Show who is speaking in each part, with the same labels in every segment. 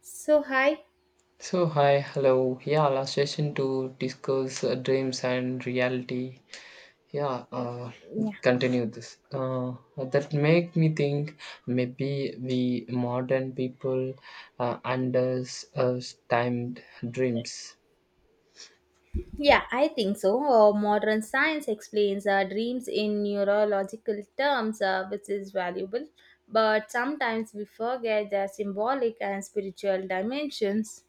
Speaker 1: So, hi.
Speaker 2: So, hi, hello. Yeah, last session to discuss dreams and reality. Yeah,
Speaker 1: Yeah.
Speaker 2: continue this. That make me think maybe we modern people understand dreams.
Speaker 1: Yeah, I think so. Modern science explains our dreams in neurological terms, which is valuable. But sometimes we forget their symbolic and spiritual dimensions.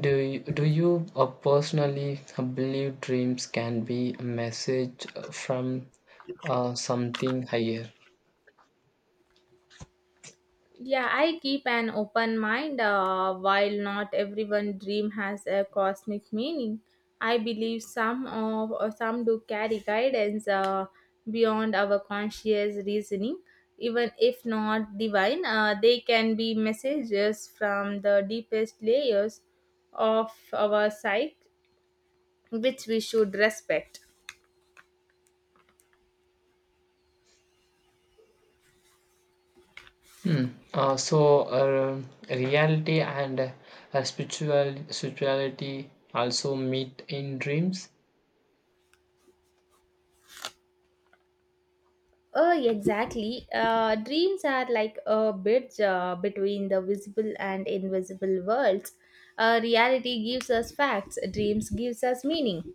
Speaker 2: Do you personally believe dreams can be a message from something higher?
Speaker 1: Yeah, I keep an open mind. While not everyone dream has a cosmic meaning, I believe some of or some do carry guidance beyond our conscious reasoning. Even if not divine, they can be messages from the deepest layers of our psyche, which we should respect.
Speaker 2: Hmm. Uh, so uh, Reality and spirituality also meet in dreams.
Speaker 1: Oh, exactly. Dreams are like a bridge between the visible and invisible worlds. Reality gives us facts. Dreams gives us meaning.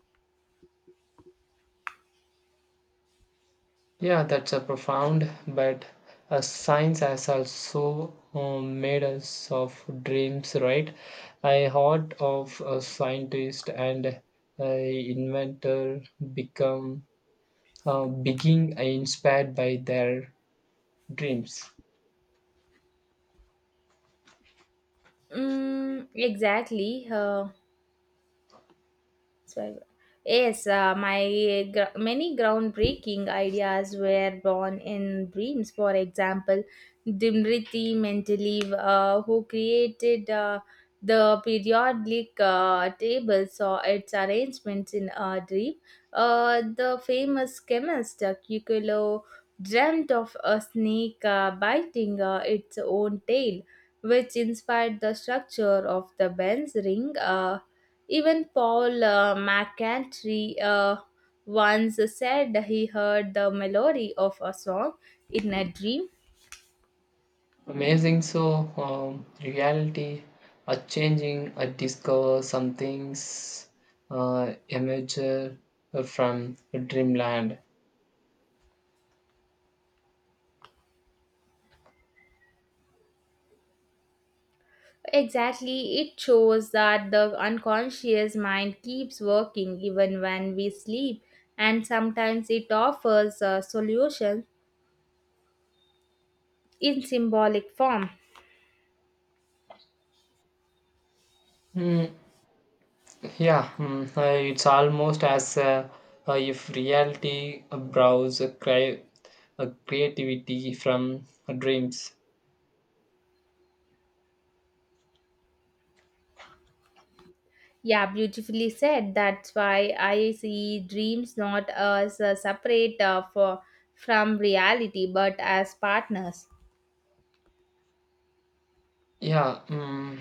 Speaker 2: Yeah, that's a profound. But science has also made us of dreams, right? I heard of a scientist and inventor become being inspired by their dreams.
Speaker 1: Mm, exactly. So, yes, many groundbreaking ideas were born in dreams. For example, Dimriti Mendeleev, who created the periodic tables or its arrangements in a dream. The famous chemist Kikulo dreamt of a snake biting its own tail, which inspired the structure of the bell's ring. Even Paul McCartney once said he heard the melody of a song in a dream.
Speaker 2: Amazing. So, reality are changing. I discover some things, emerge from dreamland.
Speaker 1: Exactly, it shows that the unconscious mind keeps working even when we sleep, and sometimes it offers a solution in symbolic form.
Speaker 2: Mm, yeah, it's almost as if reality borrows a a creativity from dreams.
Speaker 1: Yeah, beautifully said. That's why I see dreams not as separate from reality but as partners.
Speaker 2: Yeah,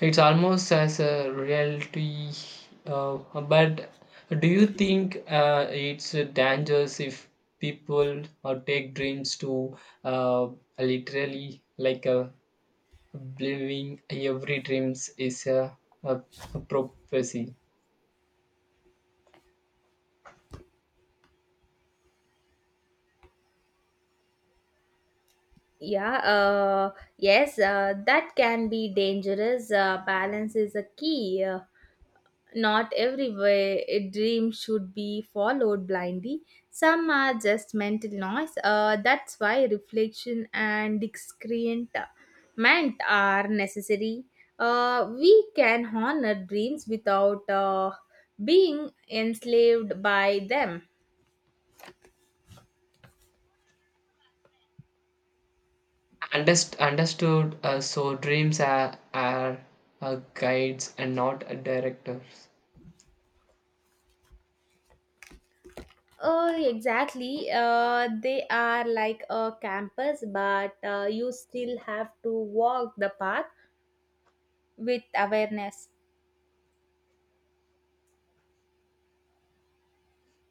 Speaker 2: it's almost as a reality, but do you think it's dangerous if people take dreams to literally like believing every dreams is a, a prophecy?
Speaker 1: Yeah, yes, that can be dangerous. Balance is a key. Not every way a dream should be followed blindly. Some are just mental noise. That's why reflection and discernment are necessary. We can honor dreams without being enslaved by them.
Speaker 2: Understood. So dreams are guides and not directors.
Speaker 1: Oh, exactly. They are like a campus, but you still have to walk the path with awareness.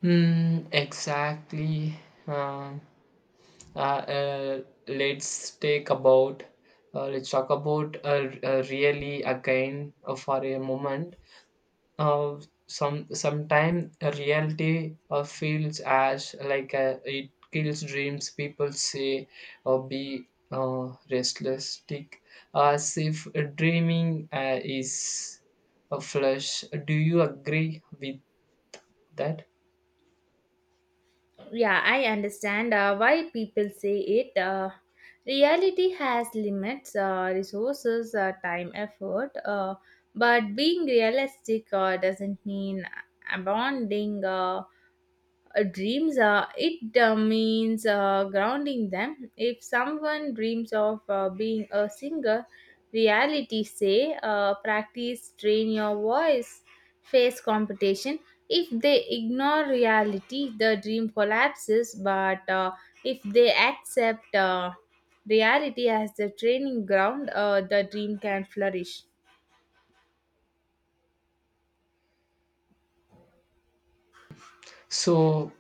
Speaker 2: Hmm. Exactly. Um Uh, uh, let's take about let's talk about really again for a moment. Uh, some sometime a reality feels as like it kills dreams. People say or be restlesstic as if dreaming is a flesh. Do you agree with that?
Speaker 1: Yeah, I understand why people say it. Reality has limits, resources, time, effort. But being realistic doesn't mean abandoning. Dreams, it means grounding them. If someone dreams of being a singer, reality say, practice, train your voice, face competition. If they ignore reality, the dream collapses, but if they accept reality as the training ground, the dream can flourish.
Speaker 2: So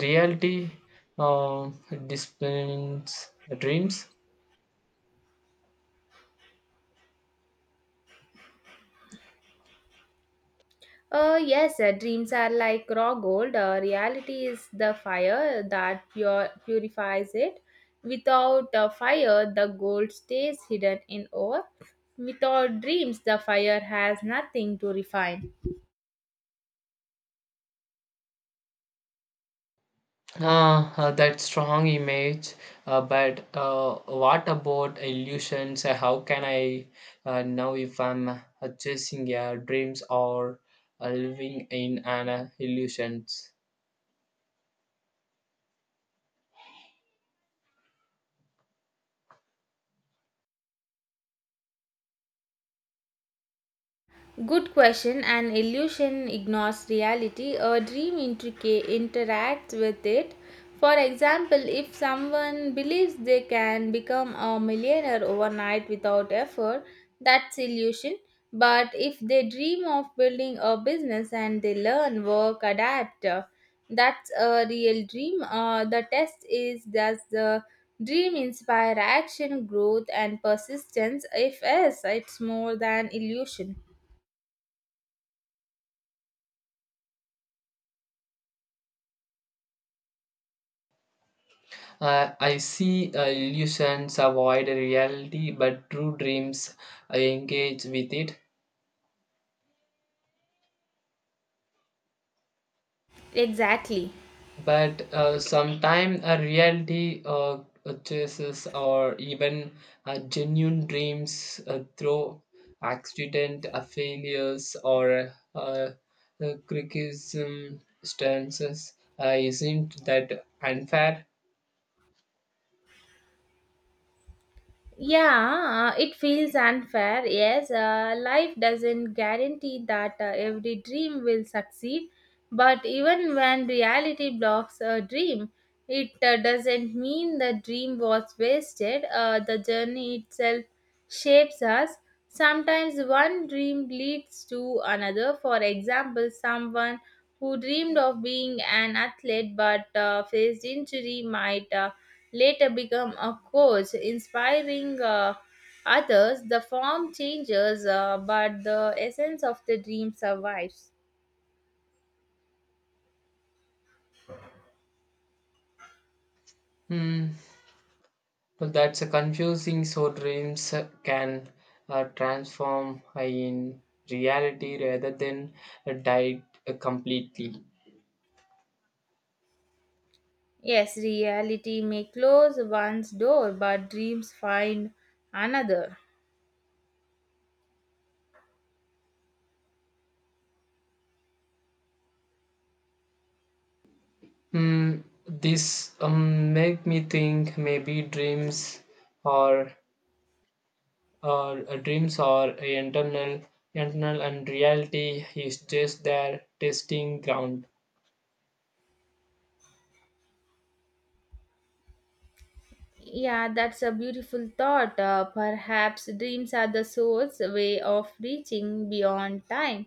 Speaker 2: reality uh, disciplines dreams.
Speaker 1: Yes, dreams are like raw gold. Reality is the fire that purifies it. Without fire, the gold stays hidden in ore. Without dreams, the fire has nothing to refine.
Speaker 2: That strong image, but what about illusions? How can I know if I'm chasing dreams or living in an illusions?
Speaker 1: Good question. An illusion ignores reality. A dream interacts with it. For example, if someone believes they can become a millionaire overnight without effort, that's illusion. But if they dream of building a business and they learn, work, adapt, that's a real dream. The test is, does the dream inspire action, growth, and persistence? If yes, it's more than illusion.
Speaker 2: I see illusions avoid reality, but true dreams engage with it.
Speaker 1: Exactly.
Speaker 2: But sometimes a reality chases or even genuine dreams through accident failures or criticism stances isn't that unfair.
Speaker 1: Yeah, it feels unfair. Yes, life doesn't guarantee that every dream will succeed, but even when reality blocks a dream, it doesn't mean the dream was wasted. The journey itself shapes us. Sometimes one dream leads to another. For example, someone who dreamed of being an athlete but faced injury might later become a coach, inspiring others. The form changes, but the essence of the dream survives.
Speaker 2: Hmm. Well, that's a confusing, so dreams can transform in reality rather than die completely.
Speaker 1: Yes, reality may close one's door, but dreams find another.
Speaker 2: Mm, this make me think maybe dreams or dreams are a internal and reality is just their testing ground.
Speaker 1: Yeah, that's a beautiful thought. Perhaps dreams are the soul's way of reaching beyond time,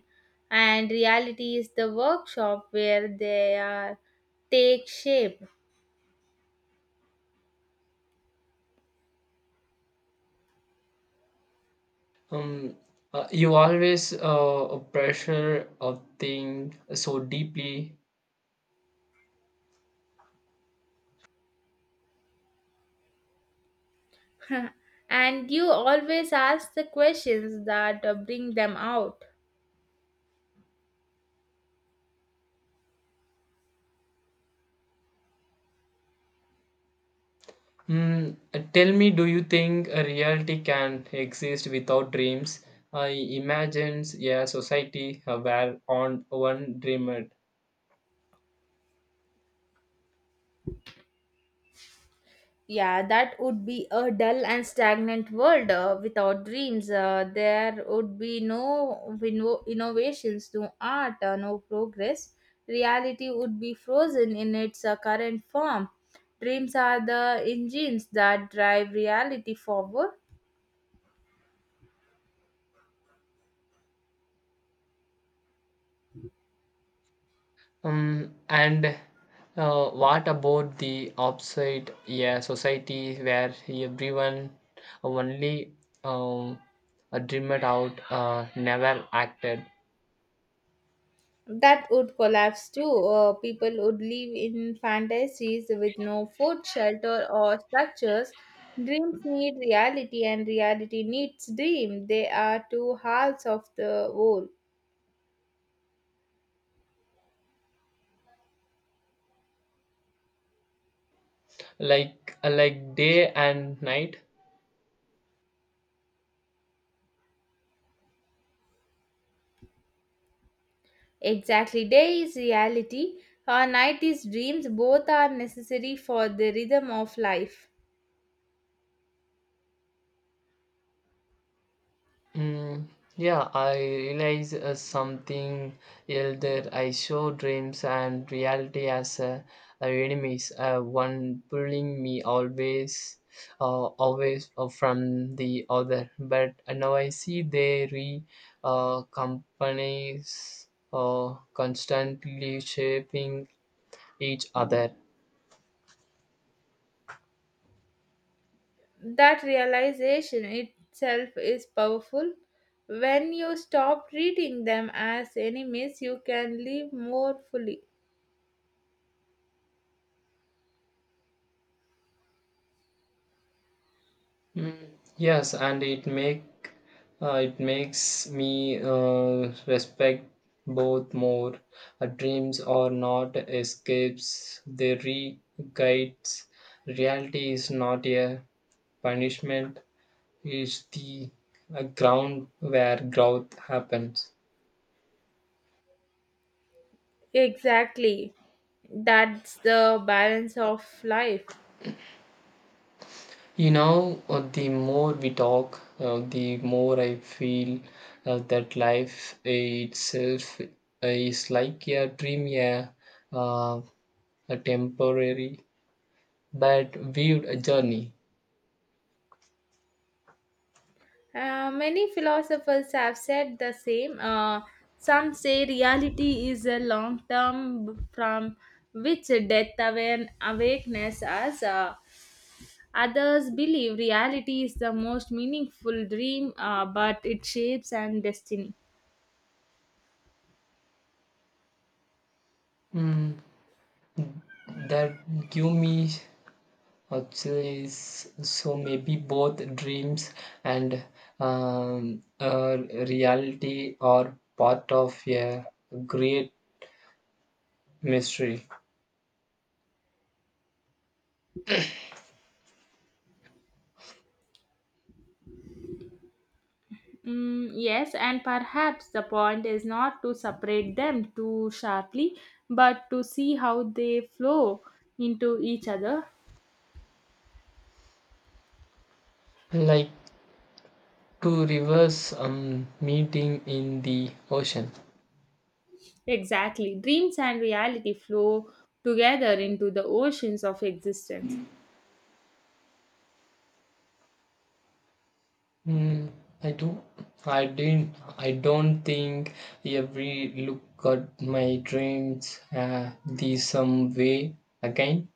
Speaker 1: and reality is the workshop where they are take shape.
Speaker 2: um you always pressure of thing so deeply.
Speaker 1: And you always ask the questions that bring them out.
Speaker 2: Tell me, do you think a reality can exist without dreams? I imagines a society where on one dreamer.
Speaker 1: Yeah, that would be a dull and stagnant world without dreams. There would be no innovations, no art, no progress. Reality would be frozen in its current form. Dreams are the engines that drive reality forward.
Speaker 2: And what about the opposite? Yeah, society where everyone only um, dreamed out, never acted.
Speaker 1: That would collapse too. People would live in fantasies with no food, shelter, or structures. Dreams need reality, and reality needs dream. They are two halves of the whole.
Speaker 2: Like day and night.
Speaker 1: Exactly. Day is reality, or night is dreams. Both are necessary for the rhythm of life.
Speaker 2: Mm, yeah, I realize something else that I show dreams and reality as enemies. One pulling me always, always from the other. But now I see they re companies constantly shaping each other.
Speaker 1: That realization itself is powerful. When you stop treating them as enemies, you can live more fully.
Speaker 2: Mm, yes, and it makes me respect both more. Dreams are not escapes; they re guides. Reality is not a punishment; is the ground where growth happens.
Speaker 1: Exactly. That's the balance of life.
Speaker 2: You know, the more we talk, the more I feel that life itself is like a dream, yeah. Uh, a temporary but viewed a journey.
Speaker 1: Many philosophers have said the same. Some say reality is a long term from which death awakens us. Others believe reality is the most meaningful dream, but it shapes and destiny.
Speaker 2: Mm, that give me actually so maybe both dreams and um, uh, reality are part of a great mystery,
Speaker 1: Mm, yes, and perhaps the point is not to separate them too sharply, but to see how they flow into each other.
Speaker 2: like two rivers um, meeting in the ocean.
Speaker 1: Exactly. Dreams and reality flow together into the oceans of existence.
Speaker 2: Hmm. I do. I didn't. I don't think every look at my dreams uh, the some way again.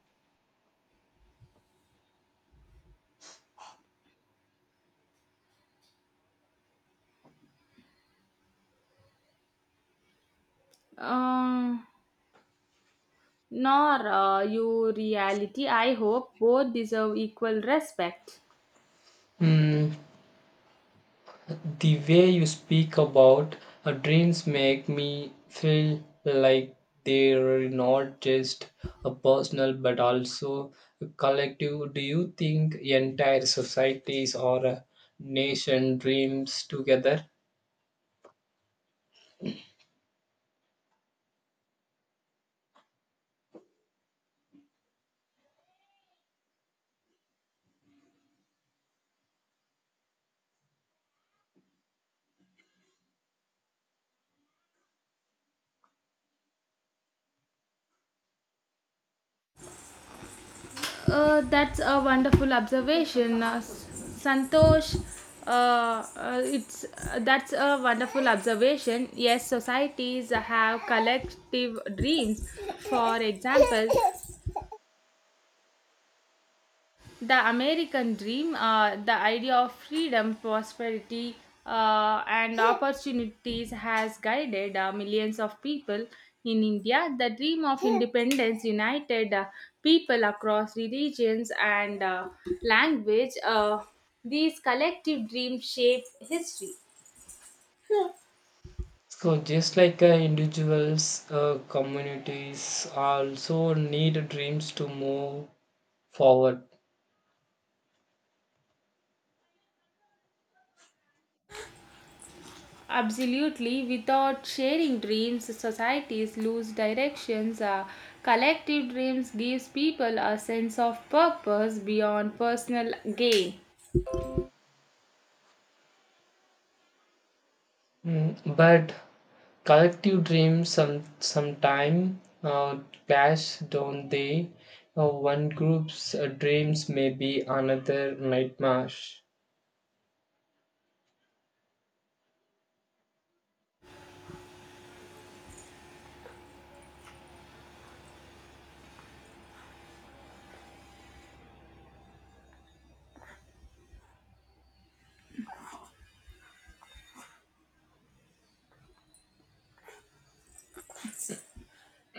Speaker 1: Uh, Nor you reality, I hope both deserve equal respect.
Speaker 2: Hmm. The way you speak about dreams make me feel like they're not just a personal but also a collective. Do you think entire societies or a nation dreams together?
Speaker 1: That's a wonderful observation, Santosh. It's That's a wonderful observation. Yes, societies have collective dreams. For example, the American dream, the idea of freedom, prosperity, and opportunities has guided millions of people in India. The dream of independence united people across religions and language. These collective dreams shape history.
Speaker 2: So, just like individuals, communities also need dreams to move forward.
Speaker 1: Absolutely, without sharing dreams, societies lose directions. Collective dreams gives people a sense of purpose beyond personal gain.
Speaker 2: Mm, but collective dreams some sometime clash, don't they? One group's dreams may be another nightmare.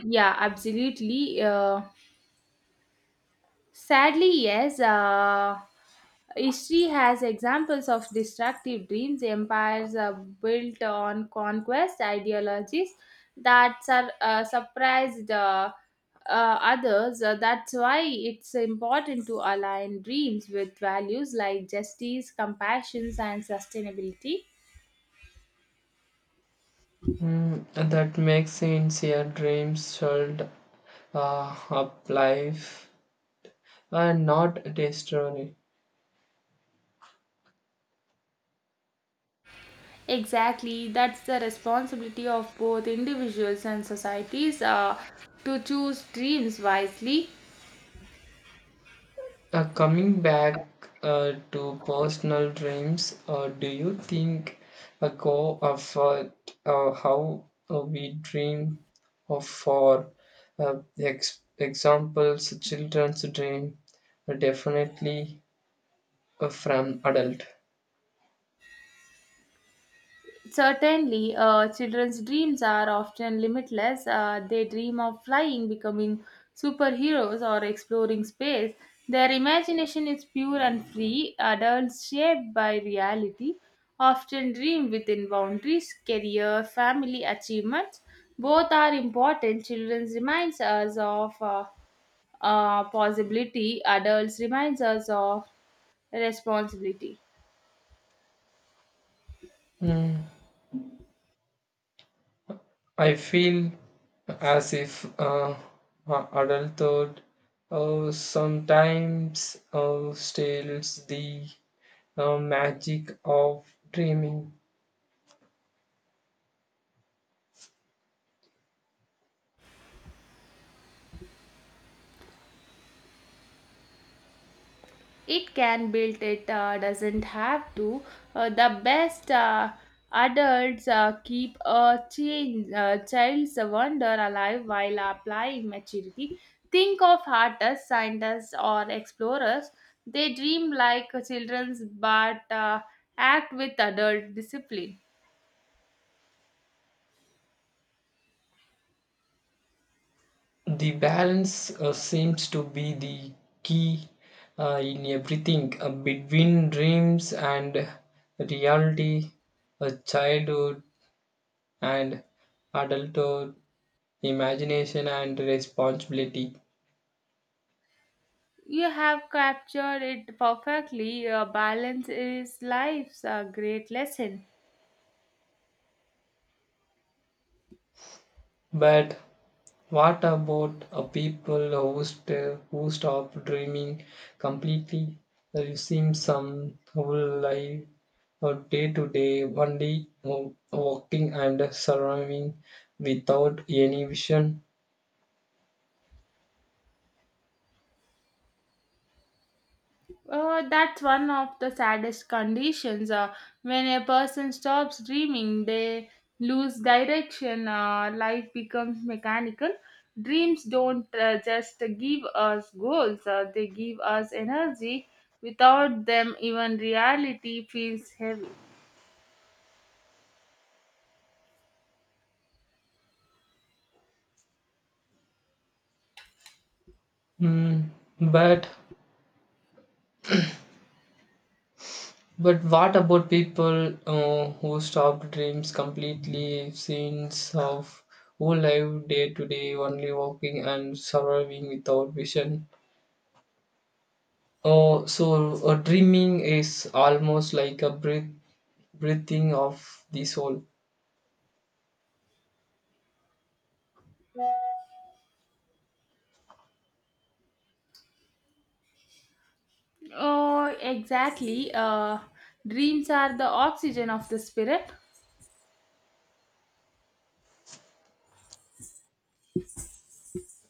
Speaker 1: Yeah, absolutely. Sadly, yes. History has examples of destructive dreams, empires built on conquest ideologies that surprised uh, others. That's why it's important to align dreams with values like justice, compassion, and sustainability.
Speaker 2: Mm, that makes sense. Your dreams should up life and not destroy.
Speaker 1: Exactly, that's the responsibility of both individuals and societies to choose dreams wisely.
Speaker 2: Coming back to personal dreams, do you think a go of how we dream of for examples, children's dream definitely from adult?
Speaker 1: Certainly, children's dreams are often limitless. They dream of flying, becoming superheroes, or exploring space. Their imagination is pure and free. Adults, shaped by reality, often dream within boundaries, career, family, achievements. Both are important. Children reminds us of possibility. Adults reminds us of responsibility.
Speaker 2: Mm, I feel as if uh, adulthood sometimes steals the magic of dreaming.
Speaker 1: It can build it, doesn't have to. The best adults keep a child's wonder alive while applying maturity. Think of artists, scientists, or explorers. They dream like children, but act with adult discipline.
Speaker 2: The balance seems to be the key in everything between dreams and reality, childhood and adulthood, imagination and responsibility.
Speaker 1: You have captured it perfectly. Your balance is life's great lesson.
Speaker 2: But what about a people who, who stop dreaming completely, you seem some whole life or day to day, only walking and surviving without any vision?
Speaker 1: That's one of the saddest conditions. When a person stops dreaming, they lose direction. Life becomes mechanical. Dreams don't just give us goals, they give us energy. Without them, even reality feels heavy.
Speaker 2: Mm, but but what about people who stop dreams completely since of who live day to day only walking and surviving without vision? Oh, so dreaming is almost like a breath, breathing of the soul,
Speaker 1: Oh, exactly. Dreams are the oxygen of the spirit.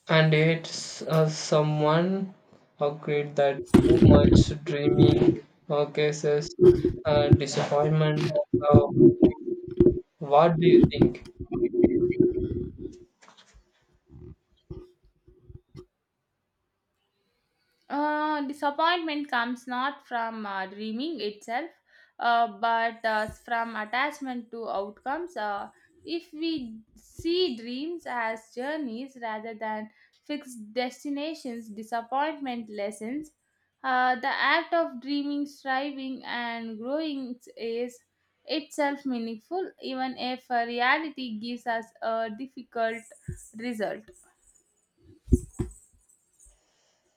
Speaker 2: and yet someone agreed that too much dreaming causes disappointment. Uh, what do you think?
Speaker 1: Disappointment comes not from dreaming itself, but from attachment to outcomes. If we see dreams as journeys rather than fixed destinations, disappointment lessens. The act of dreaming, striving, and growing is itself meaningful, even if reality gives us a difficult result.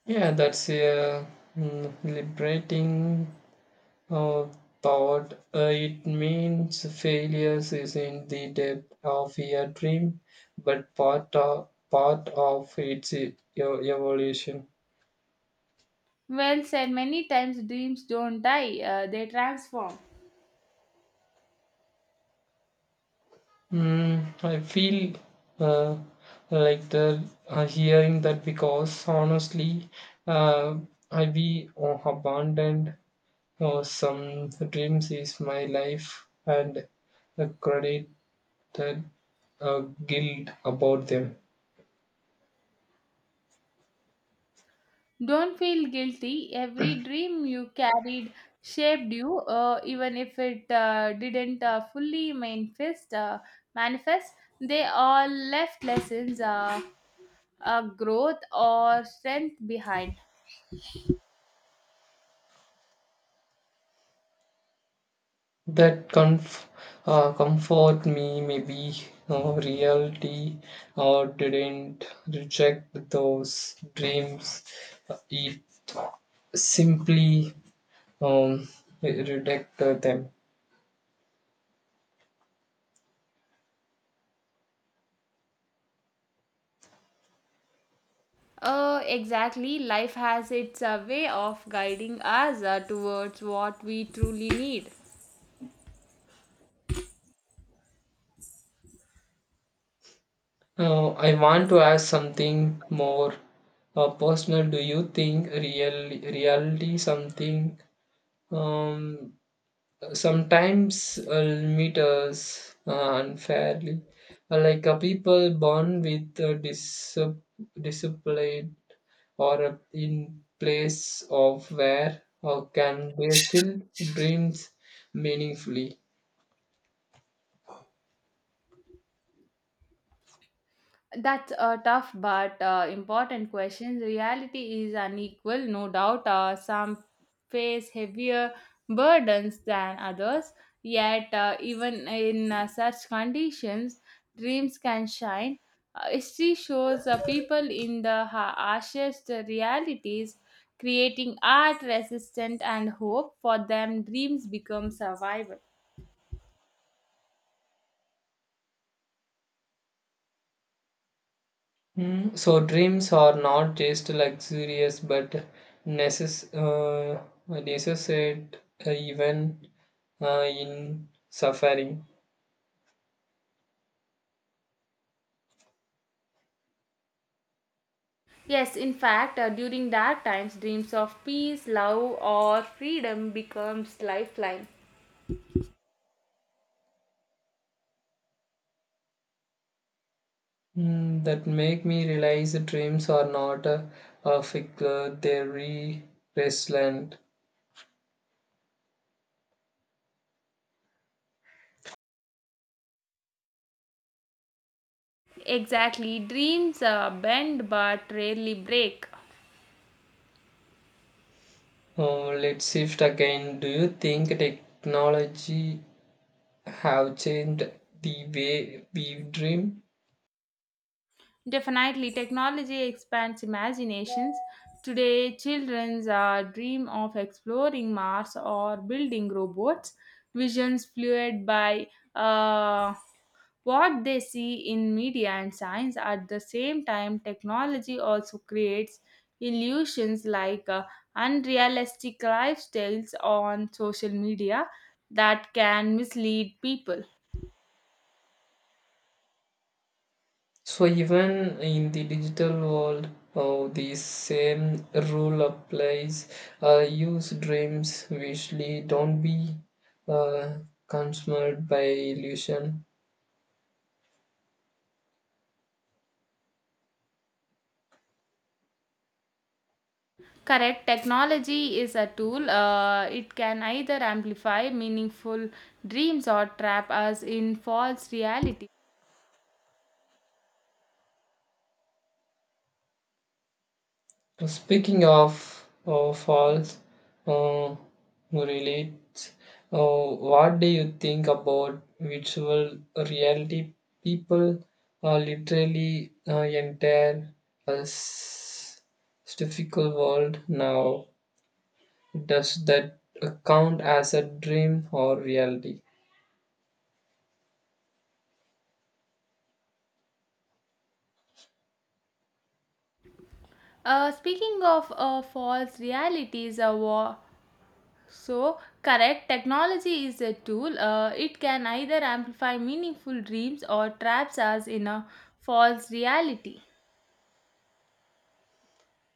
Speaker 2: Yeah, that's a liberating Uh, thought. It means failures is in the depth of your dream, but part of its evolution.
Speaker 1: Well said, many times dreams don't die, they transform.
Speaker 2: Mm, I feel uh, like the hearing that because honestly, uh, I be abandoned some dreams is my life and credit that uh, guilt about them.
Speaker 1: Don't feel guilty. Every dream you carried shaped you, even if it didn't fully manifest. They all left lessons, growth, or strength behind.
Speaker 2: That comfort me, maybe reality or didn't reject those dreams. It simply um, rejected them.
Speaker 1: Exactly. Life has its way of guiding us towards what we truly need.
Speaker 2: I want to ask something more personal. Do you think real reality something, um, sometimes I meet us unfairly, like people born with a disability or in place of where, or can they still dreams meaningfully.
Speaker 1: That's a tough but important question. Reality is unequal, no doubt. Some face heavier burdens than others, yet, even in such conditions, dreams can shine. History shows people in the harshest realities creating art, resistance, and hope. For them, dreams become survival.
Speaker 2: Mm, so dreams are not just luxurious but necess- uh, necessary even in suffering.
Speaker 1: Yes, in fact, during dark times, dreams of peace, love, or freedom becomes lifeline.
Speaker 2: Mm, that make me realize that dreams are not a, a figure, they're restless.
Speaker 1: Exactly, dreams bend but rarely break.
Speaker 2: Oh, let's shift again. Do you think technology have changed the way we dream?
Speaker 1: Definitely, technology expands imaginations. Today, children dream of exploring Mars or building robots. Visions fueled by uh, what they see in media and science. At the same time, technology also creates illusions like unrealistic lifestyles on social media that can mislead people.
Speaker 2: So even in the digital world, oh, the same rule applies. Use dreams visually. Don't be uh, consumed by illusion.
Speaker 1: Correct, technology is a tool. It can either amplify meaningful dreams or trap us in false reality.
Speaker 2: So, speaking of false uh, relates, uh, what do you think about virtual reality? People literally entire a difficult world now. Does that count as a dream or reality?
Speaker 1: Speaking of false realities. So, correct, technology is a tool. It can either amplify meaningful dreams or traps us in a false reality.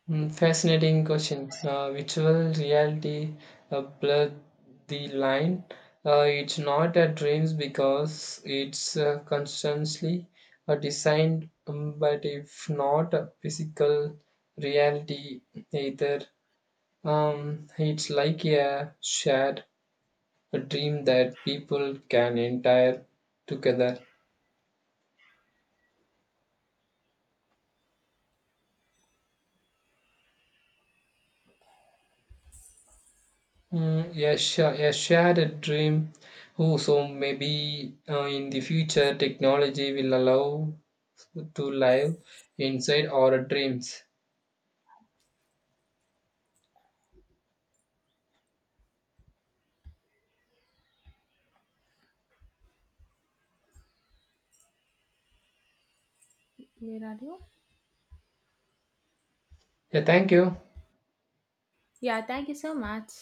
Speaker 2: Mm, fascinating question. Virtual reality blurred the line. It's not a dreams because it's constantly designed, but if not a physical reality either, it's like a shared dream that people can entire together. Mm, a, a shared dream. Oh, so maybe in the future technology will allow to live inside our dreams.
Speaker 1: Where are you?
Speaker 2: Yeah, thank you.
Speaker 1: Yeah, thank you so much.